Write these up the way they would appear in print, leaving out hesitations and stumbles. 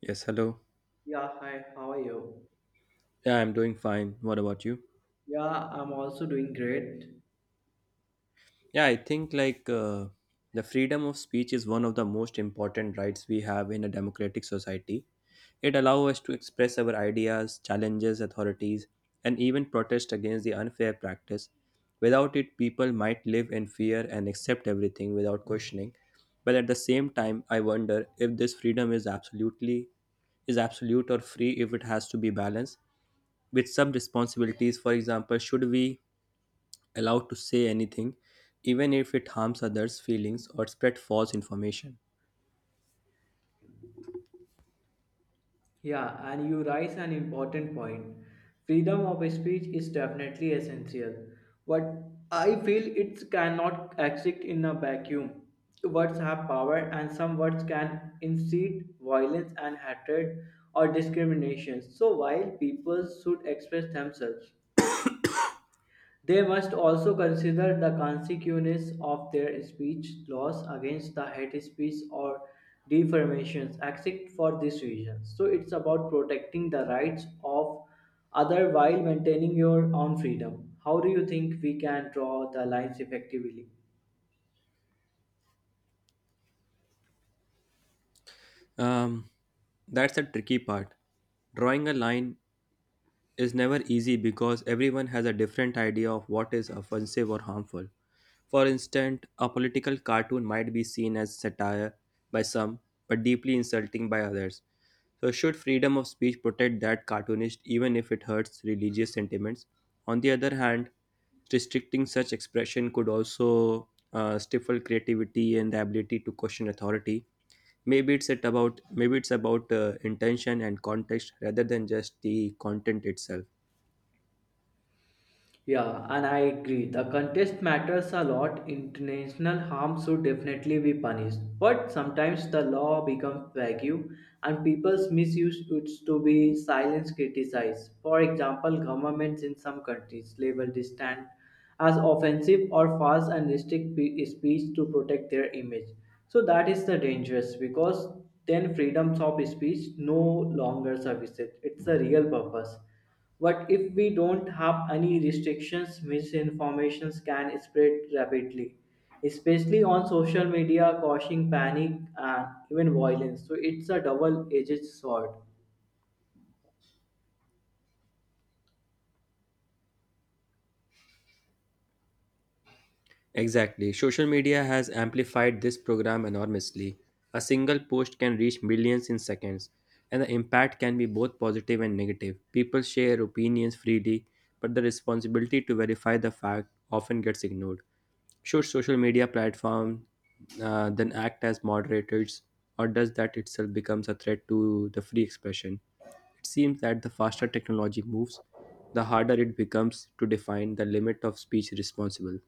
Yes, hello. Yeah, hi, how are you? Yeah, I'm doing fine. What about you? Yeah, I'm also doing great. Yeah, I think the freedom of speech is one of the most important rights we have in a democratic society. It allows us to express our ideas, challenges authorities, and even protest against the unfair practice. Without it, people might live in fear and accept everything without questioning. But at the same time, I wonder if this freedom is absolute or free if it has to be balanced with some responsibilities. For example, should we allowed to say anything, even if it harms others' feelings or spread false information. Yeah, and you raise an important point. Freedom of speech is definitely essential, but I feel it cannot exist in a vacuum. Words have power, and some words can incite violence and hatred or discrimination. So, while people should express themselves, they must also consider the consequences of their speech, laws against the hate speech or defamations, except for this reason. So it's about protecting the rights of other while maintaining your own freedom. How do you think we can draw the lines effectively? Um, that's the tricky part. Drawing a line is never easy because everyone has a different idea of what is offensive or harmful. For instance, a political cartoon might be seen as satire by some, but deeply insulting by others. So, should freedom of speech protect that cartoonist even if it hurts religious sentiments? On the other hand, restricting such expression could also stifle creativity and the ability to question authority. Maybe it's about intention and context rather than just the content itself. Yeah, and I agree. The contest matters a lot. International harm should definitely be punished. But sometimes the law becomes vague and people's misuse used to be silence criticized. For example, governments in some countries label dissent as offensive or false and restrict speech to protect their image. So that is the dangerous, because then freedoms of speech no longer services. It's the real purpose. But if we don't have any restrictions? Misinformation can spread rapidly, especially on social media, causing panic and even violence. So it's a double edged sword. Exactly. Social media has amplified this program enormously. A single post can reach millions in seconds, and the impact can be both positive and negative. People share opinions freely, but the responsibility to verify the fact often gets ignored. Should social media platform then act as moderators, or does that itself becomes a threat to the free expression? It seems that the faster technology moves, the harder it becomes to define the limit of speech responsible.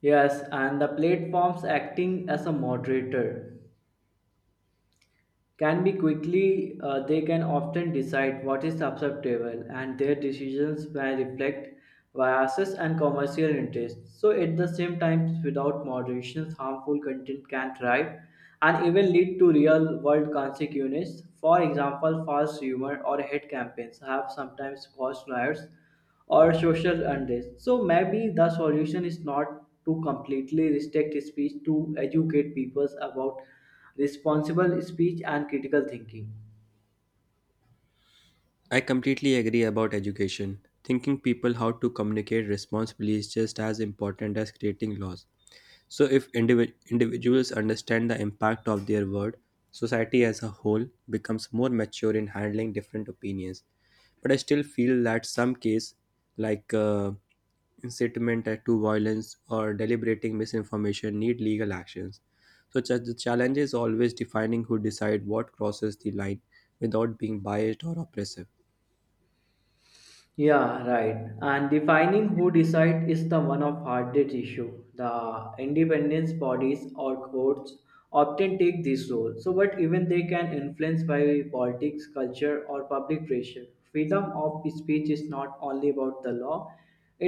Yes, and the platforms acting as a moderator can be quickly, they can often decide what is acceptable, and their decisions may reflect biases and commercial interests, so at the same time without moderation harmful content can thrive and even lead to real world consequences. For example, false humor or hate campaigns have sometimes caused riots or social unrest. So maybe the solution is not to completely restrict speech, to educate people about responsible speech and critical thinking. I completely agree about education. Thinking people how to communicate responsibly is just as important as creating laws. So, if individuals understand the impact of their word, society as a whole becomes more mature in handling different opinions. But I still feel that some case, like uh, incitement to violence or deliberating misinformation, need legal actions. So the challenge is always defining who decide what crosses the line without being biased or oppressive. Yeah, right. And defining who decide is the one of hardest issue. The independence bodies or courts often take this role. So, but even they can influence by politics, culture, or public pressure. Freedom of speech is not only about the law;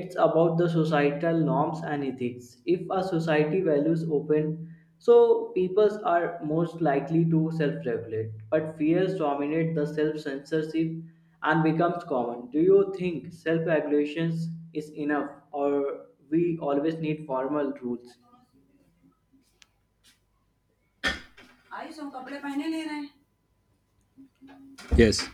it's about the societal norms and ethics. If a society values open, so peoples are most likely to self-regulate. But fears dominate the self-censorship and becomes common. Do you think self regulation is enough, or we always need formal rules? Yes,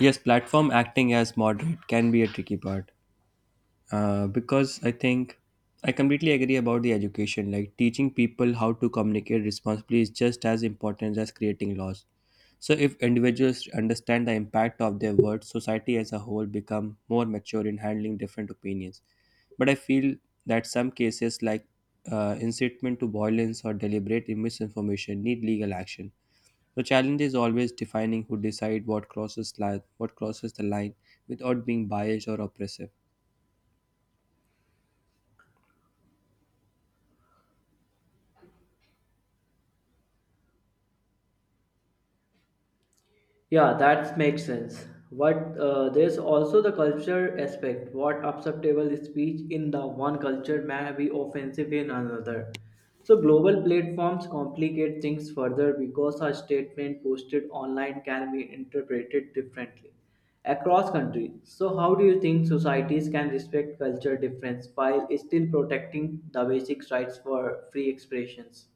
yes, platform acting as moderate can be a tricky part because I completely agree about the education. Like teaching people how to communicate responsibly is just as important as creating laws. So if individuals understand the impact of their words, society as a whole become more mature in handling different opinions. But I feel that some cases like incitement to violence or deliberate misinformation need legal action. The challenge is always defining who decide what crosses the line without being biased or oppressive. Yeah, that makes sense. But there's also the culture aspect. What acceptable speech in the one culture may be offensive in another. So global platforms complicate things further because a statement posted online can be interpreted differently across countries. So how do you think societies can respect culture difference while still protecting the basic rights for free expressions?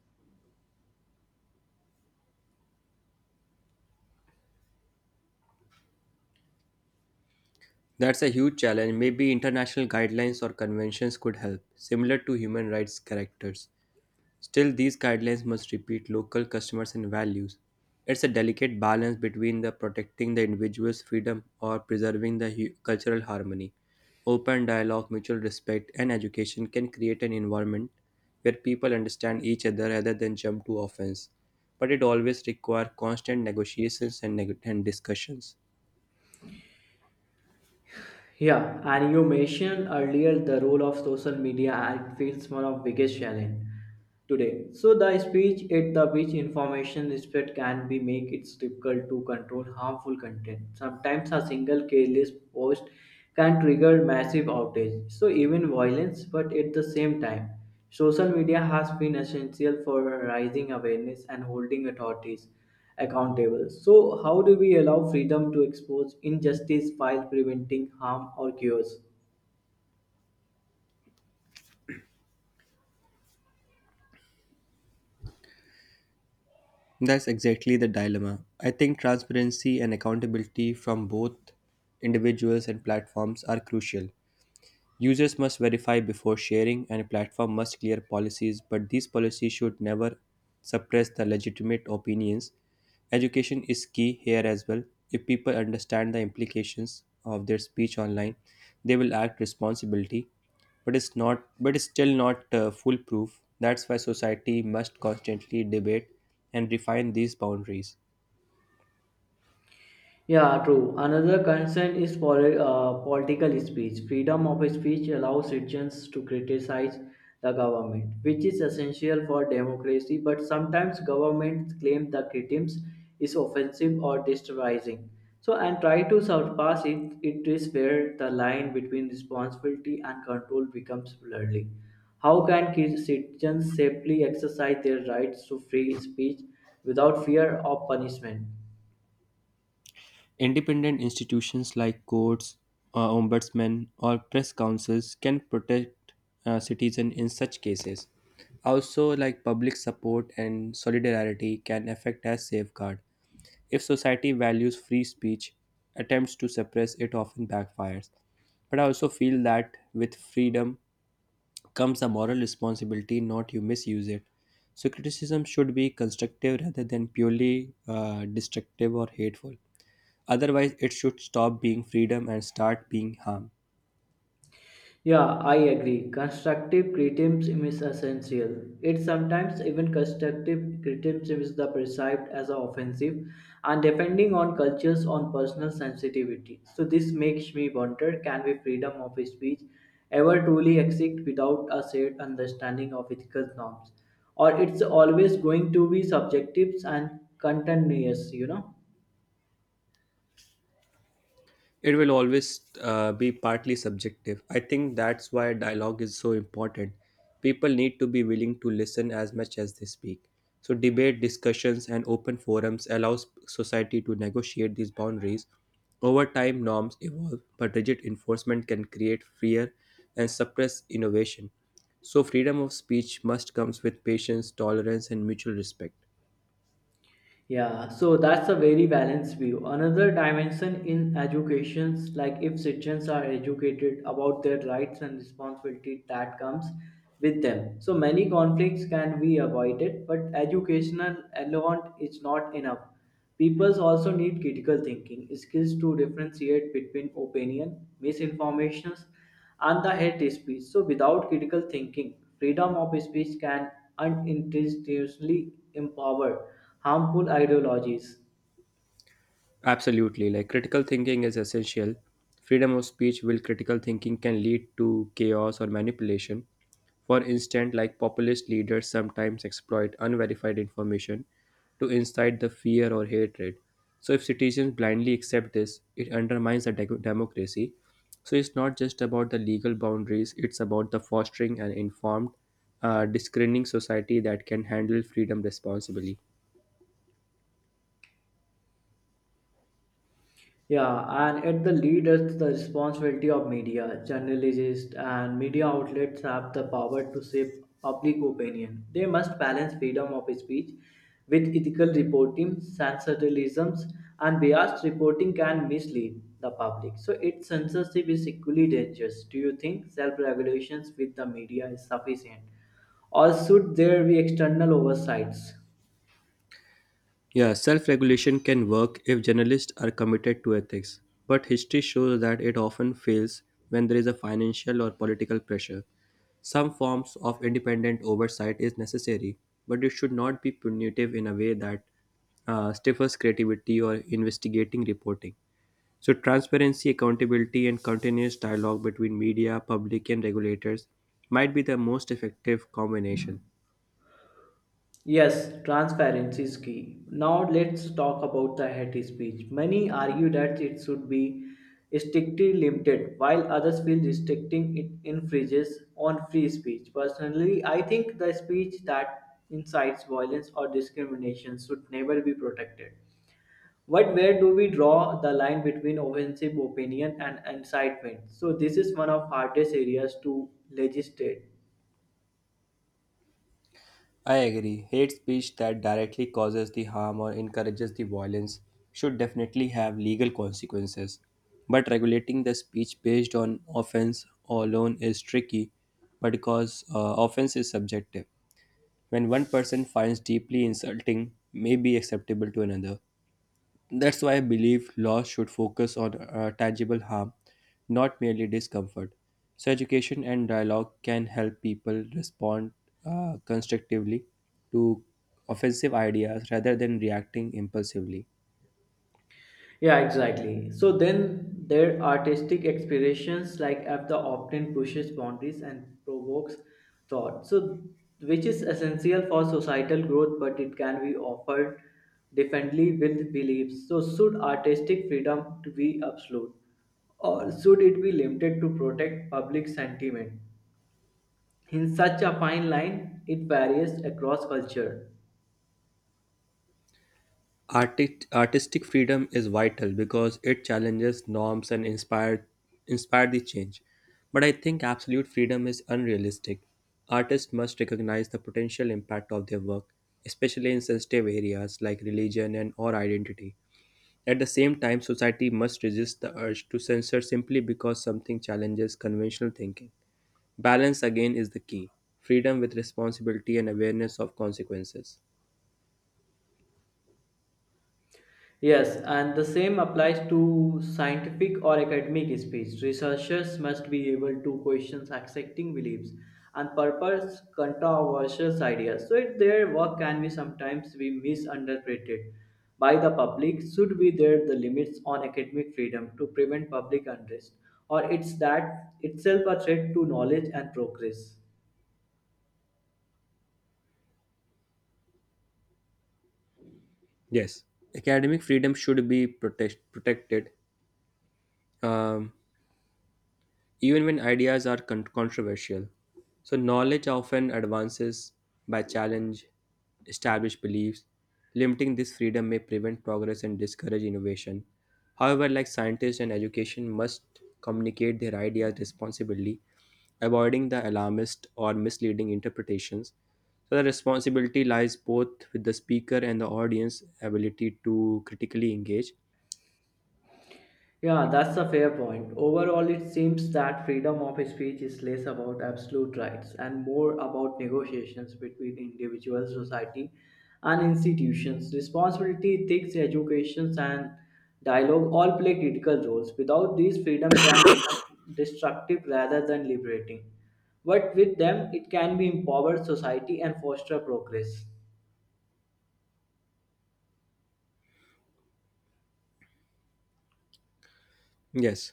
That's a huge challenge. Maybe international guidelines or conventions could help, similar to human rights characters. Still, these guidelines must repeat local customers and values. It's a delicate balance between the protecting the individual's freedom or preserving the cultural harmony. Open dialogue, mutual respect, and education can create an environment where people understand each other rather than jump to offense. But it always requires constant negotiations and discussions. Yeah, and you mentioned earlier the role of social media, and it feels one of biggest challenge today. So the speech at the which information spread can be make it difficult to control harmful content. Sometimes a single careless post can trigger massive outrage, so even violence. But at the same time, social media has been essential for raising awareness and holding authorities accountable. So, how do we allow freedom to expose injustice while preventing harm or chaos? That's exactly the dilemma. I think transparency and accountability from both individuals and platforms are crucial. Users must verify before sharing, and a platform must clear policies, but these policies should never suppress the legitimate opinions. Education is key here as well. If people understand the implications of their speech online, they will act responsibility. But it's still not foolproof. That's why society must constantly debate and refine these boundaries. Yeah, true. Another concern is political speech. Freedom of speech allows citizens to criticize the government, which is essential for democracy. But sometimes governments claim the criticism is offensive or disturbing. So, and try to surpass it. It is where the line between responsibility and control becomes blurry. How can citizens safely exercise their rights to free speech without fear of punishment? Independent institutions like courts, ombudsmen, or press councils can protect citizens in such cases. Also, like public support and solidarity can affect as safeguard. If society values free speech, attempts to suppress it often backfires. But I also feel that with freedom comes a moral responsibility not you misuse it. So criticism should be constructive rather than purely destructive or hateful. Otherwise, it should stop being freedom and start being harm. Yeah, I agree. Constructive criticism is essential. It sometimes even constructive criticism is the perceived as a offensive, and depending on cultures on personal sensitivity. So this makes me wonder, can we freedom of speech ever truly exist without a shared understanding of ethical norms? Or it's always going to be subjective and continuous? It will always be partly subjective. I think that's why dialogue is so important. People need to be willing to listen as much as they speak. So, debate, discussions, and open forums allows society to negotiate these boundaries. Over time, norms evolve, but rigid enforcement can create fear and suppress innovation. So, freedom of speech must comes with patience, tolerance, and mutual respect. Yeah, so that's a very balanced view. Another dimension in educations, like if citizens are educated about their rights and responsibility that comes with them. So many conflicts can be avoided, but educational alone is not enough. People also need critical thinking skills to differentiate between opinion, misinformations, and the hate speech. So, without critical thinking, freedom of speech can unintentionally empower harmful ideologies. Absolutely. Like critical thinking is essential. Freedom of speech will critical thinking can lead to chaos or manipulation. For instance, like populist leaders sometimes exploit unverified information to incite the fear or hatred. So if citizens blindly accept this, it undermines the democracy. So it's not just about the legal boundaries, it's about the fostering an informed, discerning society that can handle freedom responsibly. Yeah, and at the lead is the responsibility of media, journalists, and media outlets have the power to shape public opinion. They must balance freedom of speech with ethical reporting. Sensationalism and biased reporting can mislead the public. So, its censorship is equally dangerous. Do you think self regulations with the media is sufficient, or should there be external oversights? Yeah, self regulation can work if journalists are committed to ethics, but history shows that it often fails when there is a financial or political pressure. Some forms of independent oversight is necessary, but it should not be punitive in a way that stifles creativity or investigating reporting. So, transparency, accountability, and continuous dialogue between media, public, and regulators might be the most effective combination. Yes, transparency is key. Now let's talk about the hate speech. Many argue that it should be strictly limited, while others feel restricting it infringes on free speech. Personally, I think the speech that incites violence or discrimination should never be protected. But where do we draw the line between offensive opinion and incitement? So this is one of hardest areas to legislate. I agree. Hate speech that directly causes the harm or encourages the violence should definitely have legal consequences. But regulating the speech based on offense alone is tricky because offense is subjective. When one person finds deeply insulting may be acceptable to another, that's why I believe laws should focus on tangible harm, not merely discomfort. So, education and dialogue can help people respond constructively to offensive ideas rather than reacting impulsively. Yeah, exactly. So then their artistic expressions like F the often pushes boundaries and provokes thought. So which is essential for societal growth, but it can be offered differently with beliefs. So should artistic freedom to be absolute, or should it be limited to protect public sentiment? In such a fine line, it varies across culture. Artistic freedom is vital because it challenges norms and inspire the change. But I think absolute freedom is unrealistic. Artists must recognize the potential impact of their work, especially in sensitive areas like religion and or identity. At the same time, society must resist the urge to censor simply because something challenges conventional thinking. Balance again is the key. Freedom with responsibility and awareness of consequences. Yes, and the same applies to scientific or academic speech. Researchers must be able to question accepting beliefs and purpose controversial ideas. So if their work can be sometimes be misinterpreted by the public, should be there the limits on academic freedom to prevent public unrest, or it's that itself a threat to knowledge and progress. Yes, academic freedom should be protected um, even when ideas are controversial. So, knowledge often advances by challenge established beliefs. Limiting this freedom may prevent progress and discourage innovation. However, like scientists and education must communicate their ideas responsibly, avoiding the alarmist or misleading interpretations. So the responsibility lies both with the speaker and the audience ability to critically engage. Yeah, that's a fair point. Overall, it seems that freedom of speech is less about absolute rights and more about negotiations between individuals, society and institutions. Responsibility, ethics, education, and dialogue all play critical roles. Without these, freedom can become destructive rather than liberating. But with them, it can be empower society and foster progress. Yes,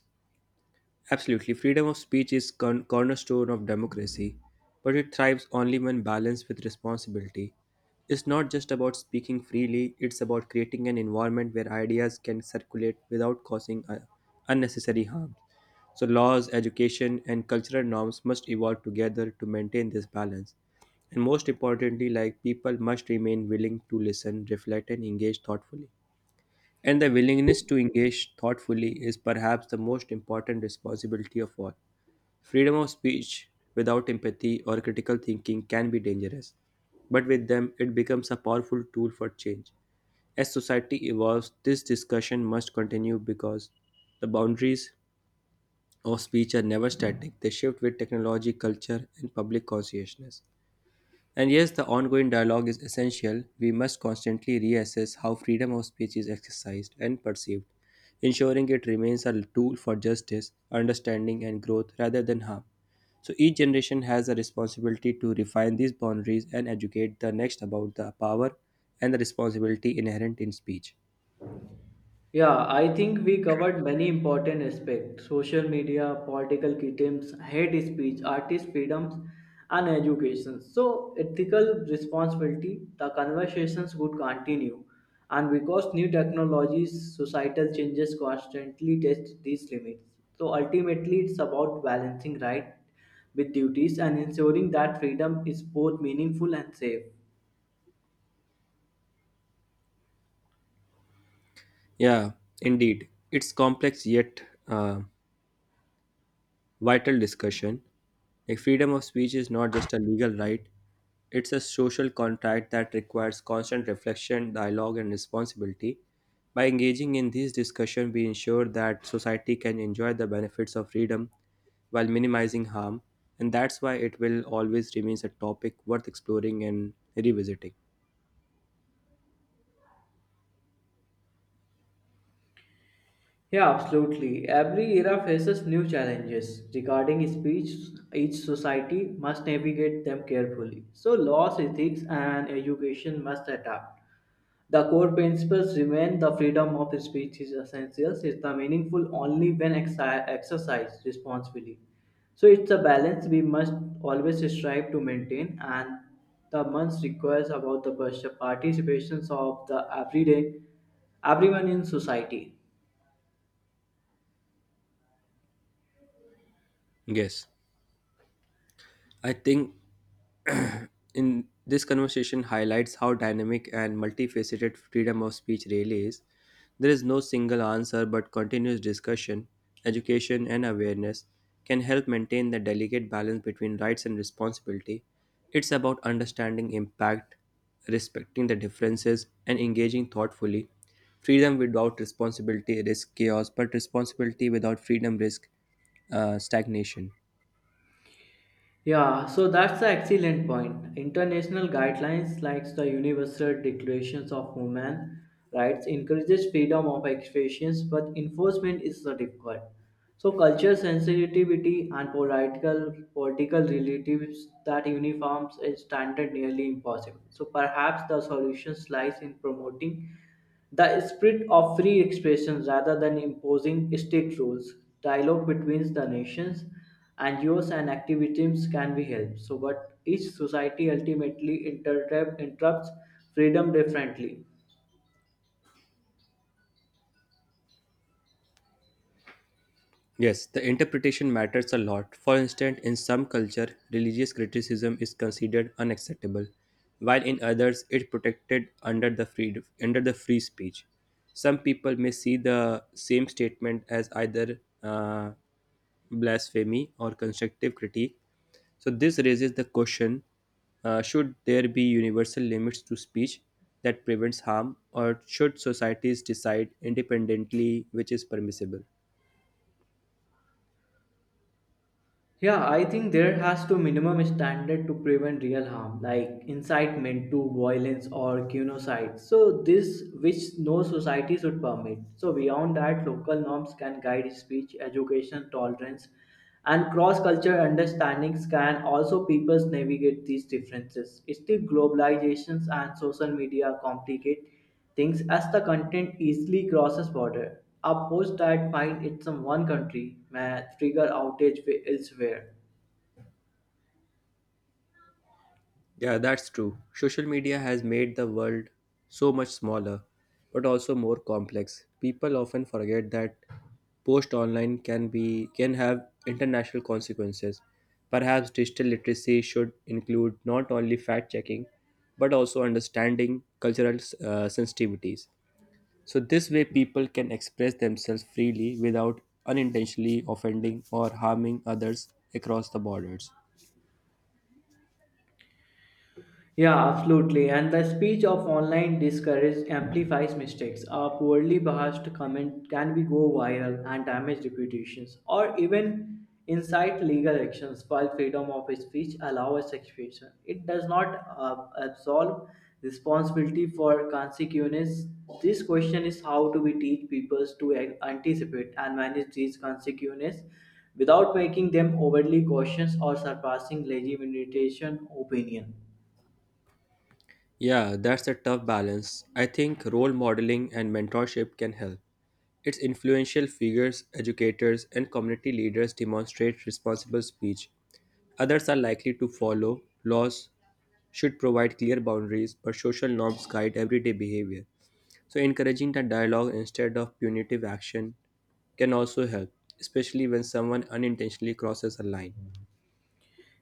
absolutely. Freedom of speech is cornerstone of democracy, but it thrives only when balanced with responsibility. It's not just about speaking freely, it's about creating an environment where ideas can circulate without causing unnecessary harm. So laws, education, and cultural norms must evolve together to maintain this balance. And most importantly, like people must remain willing to listen, reflect, and engage thoughtfully. And the willingness to engage thoughtfully is perhaps the most important responsibility of all. Freedom of speech without empathy or critical thinking can be dangerous, but with them, it becomes a powerful tool for change. As society evolves, this discussion must continue because the boundaries of speech are never static, they shift with technology, culture, and public consciousness. And yes, the ongoing dialogue is essential. We must constantly reassess how freedom of speech is exercised and perceived, ensuring it remains a tool for justice, understanding, and growth rather than harm. So each generation has a responsibility to refine these boundaries and educate the next about the power and the responsibility inherent in speech. Yeah, I think we covered many important aspects: social media, political items, hate speech, artist freedoms, and education. So, ethical responsibility, the conversations would continue. And because new technologies, societal changes constantly test these limits. So, ultimately, it's about balancing right with duties and ensuring that freedom is both meaningful and safe. Yeah, indeed. It's complex yet uh, vital discussion. Like freedom of speech is not just a legal right, it's a social contract that requires constant reflection, dialogue, and responsibility. By engaging in these discussions, we ensure that society can enjoy the benefits of freedom while minimizing harm, and that's why it will always remains a topic worth exploring and revisiting. Yeah, absolutely. Every era faces new challenges regarding speech. Each society must navigate them carefully. So, laws, ethics, and education must adapt. The core principles remain: the freedom of speech is essential, is the meaningful only when exercised responsibly. So, it's a balance we must always strive to maintain, and the month requires about the participation of the everyday everyone in society. Yes, I think in this conversation highlights how dynamic and multifaceted freedom of speech really is. There is no single answer, but continuous discussion, education, and awareness can help maintain the delicate balance between rights and responsibility. It's about understanding impact, respecting the differences, and engaging thoughtfully. Freedom without responsibility risks chaos, but responsibility without freedom risks stagnation. Yeah, so that's the excellent point. International guidelines like the Universal Declarations of Human Rights encourages freedom of expressions, but enforcement is so difficult. So cultural sensitivity and political relatives that uniforms is standard nearly impossible. So perhaps the solution lies in promoting the spirit of free expression rather than imposing strict rules. Dialogue between the nations, NGOs, and activists can be helped. So, but each society ultimately interrupts freedom differently. Yes, the interpretation matters a lot. For instance, in some culture, religious criticism is considered unacceptable, while in others it protected under the free speech. Some people may see the same statement as either blasphemy or constructive critique. So this raises the question: should there be universal limits to speech that prevents harm, or should societies decide independently which is permissible? Yeah, I think there has to minimum standard to prevent real harm, like incitement to violence or genocide. So this which no society should permit. So beyond that, local norms can guide speech, education, tolerance, and cross-cultural understandings can also peoples navigate these differences. Still, globalizations and social media complicate things as the content easily crosses border. A post that finds it in one country may trigger outage elsewhere. Yeah, that's true. Social media has made the world so much smaller, but also more complex. People often forget that post online can be can have international consequences. Perhaps digital literacy should include not only fact checking, but also understanding cultural sensitivities. So this way, people can express themselves freely without unintentionally offending or harming others across the borders. Yeah, absolutely. And the speech of online discourage amplifies mistakes. A poorly biased comment can be go viral and damage reputations or even incite legal actions, while freedom of speech allows expression. It does not absolve responsibility for consequences. This question is how do we teach people to anticipate and manage these consequences without making them overly cautious or surpassing legitimate opinion. Yeah, that's a tough balance. I think role modeling and mentorship can help. Its influential figures, educators, and community leaders demonstrate responsible speech. Others are likely to follow. Laws should provide clear boundaries, but social norms guide everyday behavior. So, encouraging the dialogue instead of punitive action can also help, especially when someone unintentionally crosses a line.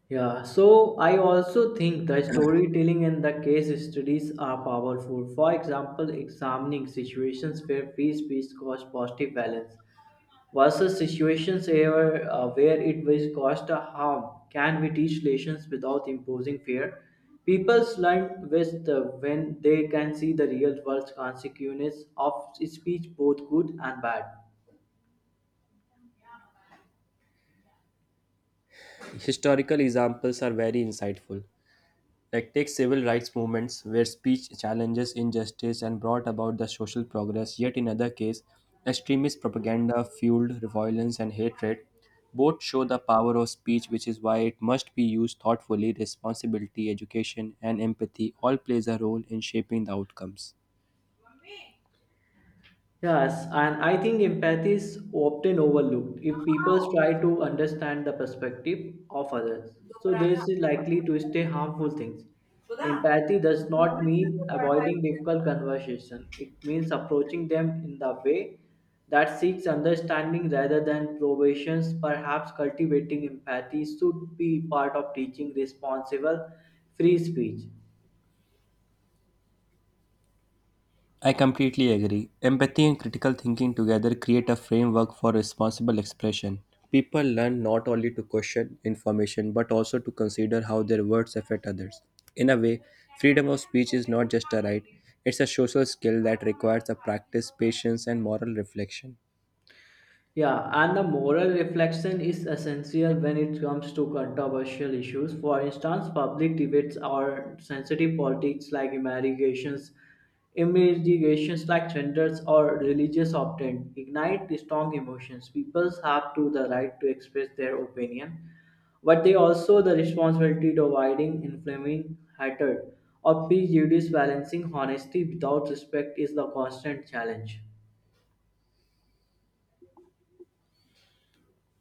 Yeah, so I also think the storytelling and the case studies are powerful. For example, examining situations where free speech caused positive balance versus situations where it will cause a harm, can we teach lessons without imposing fear. People learn best when they can see the real world consequences of speech, both good and bad. Historical examples are very insightful. Like take civil rights movements where speech challenges injustice and brought about the social progress, yet in other case, extremist propaganda fueled violence and hatred. Both show the power of speech, which is why it must be used thoughtfully. Responsibility, education, and empathy all plays a role in shaping the outcomes. Yes, and I think empathy is often overlooked. If people try to understand the perspective of others, so they is likely to stay harmful things. Empathy does not mean avoiding difficult conversation. It means approaching them in the way that seeks understanding rather than probations. Perhaps cultivating empathy should be part of teaching responsible free speech. I completely agree. Empathy and critical thinking together create a framework for responsible expression. People learn not only to question information but also to consider how their words affect others. In a way, freedom of speech is not just a right, it's a social skill that requires a practice, patience, and moral reflection. Yeah, and the moral reflection is essential when it comes to controversial issues. For instance, public debates or sensitive politics like immigrations like genders or religious often ignite strong emotions. People have to the right to express their opinion, but they also the responsibility to avoiding inflaming hatred or prejudice. Balancing honesty without respect is the constant challenge.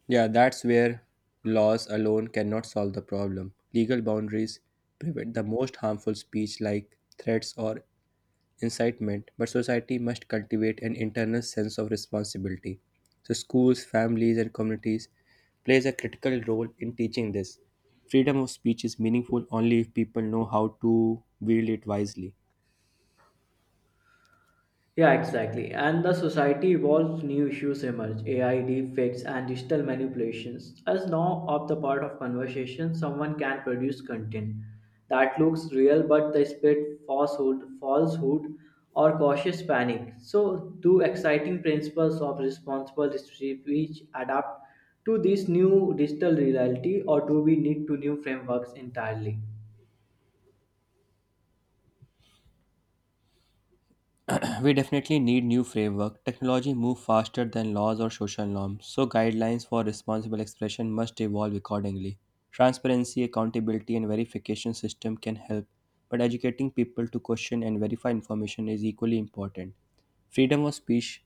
Yeah, that's where laws alone cannot solve the problem. Legal boundaries prevent the most harmful speech like threats or incitement, but society must cultivate an internal sense of responsibility. So schools, families, and communities plays a critical role in teaching this. Freedom of speech is meaningful only if people know how to wield it wisely. Yeah, exactly. And the society evolves, new issues emerge. AI, deepfakes, and digital manipulations. As now of the part of conversation, someone can produce content that looks real but they spread falsehood or cautious panic. So, two exciting principles of responsible speech adapt to this new digital reality, or do we need to new frameworks entirely? We definitely need new framework. Technology moves faster than laws or social norms, so guidelines for responsible expression must evolve accordingly. Transparency, accountability, and verification system can help, but educating people to question and verify information is equally important. Freedom of speech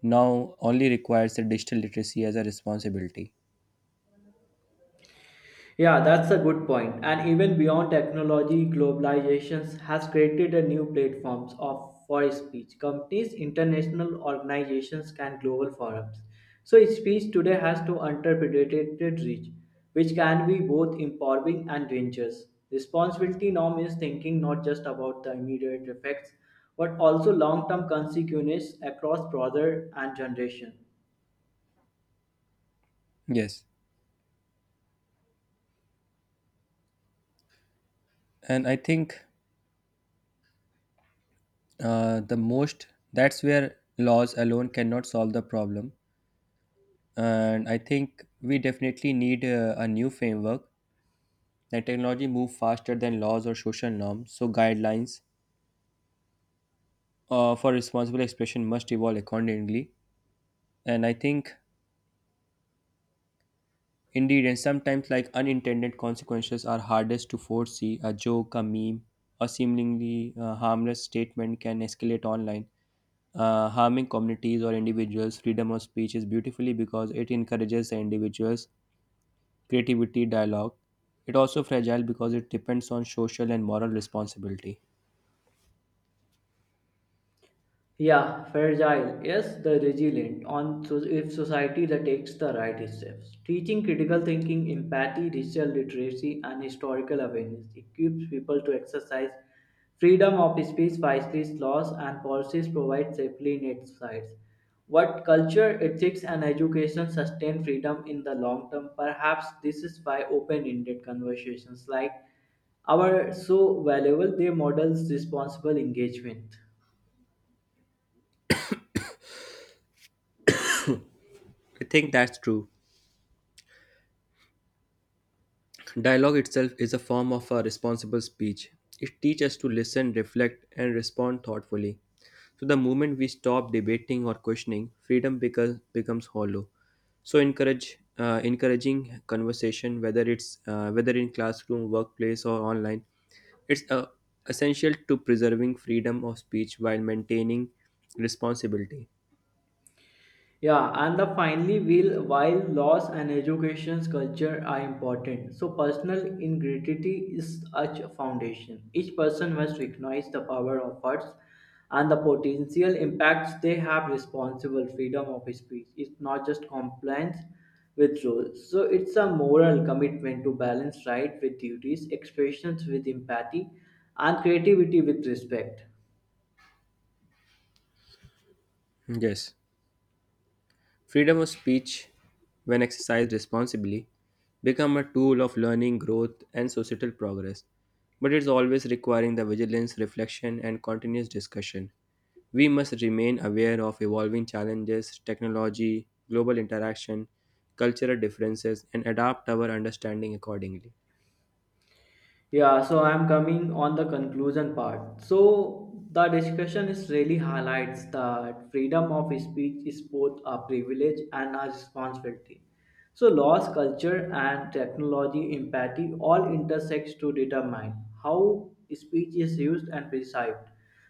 now only requires the digital literacy as a responsibility. Yeah, that's a good point. And even beyond technology, globalization has created a new platforms of for speech. Companies, international organizations, and global forums. So speech today has to interpreted reach, which can be both empowering and dangerous. Responsibility norm is thinking not just about the immediate effects, but also long-term consequences across broader and generation. Yes, and I think the most that's where laws alone cannot solve the problem. And I think we definitely need a new framework that technology move faster than laws or social norms, so guidelines for responsible expression must evolve accordingly. And I think indeed, and sometimes like unintended consequences are hardest to foresee. A joke, a meme, a seemingly harmless statement can escalate online, harming communities or individuals. Freedom of speech is beautifully because it encourages the individuals creativity, dialogue. It also fragile because it depends on social and moral responsibility. Yeah, fragile. Yes, the resilient. On so if society that takes the right steps, teaching critical thinking, empathy, digital literacy, and historical awareness equips people to exercise freedom of speech, vices, laws, and policies provide safely net sides. What culture, ethics, and education sustain freedom in the long term? Perhaps this is why open-ended conversations like our so valuable they models responsible engagement. I think that's true. Dialogue itself is a form of a responsible speech. It teaches us to listen, reflect, and respond thoughtfully. So the moment we stop debating or questioning, freedom becomes hollow. So encourage encouraging conversation, whether in classroom, workplace, or online, it's essential to preserving freedom of speech while maintaining responsibility. Yeah, and the finally will while laws and education's culture are important, so personal integrity is such a foundation. Each person must recognize the power of words and the potential impacts they have responsible freedom of speech is not just compliance with rules. So it's a moral commitment to balance right with duties, expressions with empathy, and creativity with respect. Yes, freedom of speech, when exercised responsibly, become a tool of learning, growth, and societal progress. But it's always requiring the vigilance, reflection, and continuous discussion. We must remain aware of evolving challenges, technology, global interaction, cultural differences, and adapt our understanding accordingly. Yeah, so I'm coming on the conclusion part. So the discussion is really highlights that freedom of speech is both a privilege and a responsibility. So laws, culture, and technology, empathy all intersects to determine how speech is used and perceived.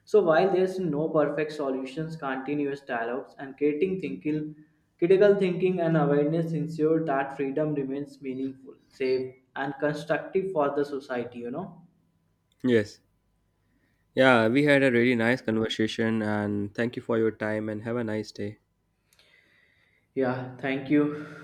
So while there's no perfect solutions, continuous dialogues and creating thinking, critical thinking and awareness ensure that freedom remains meaningful, safe, and constructive for the society. Yes. Yeah, we had a really nice conversation, and thank you for your time, and have a nice day. Yeah. Thank you.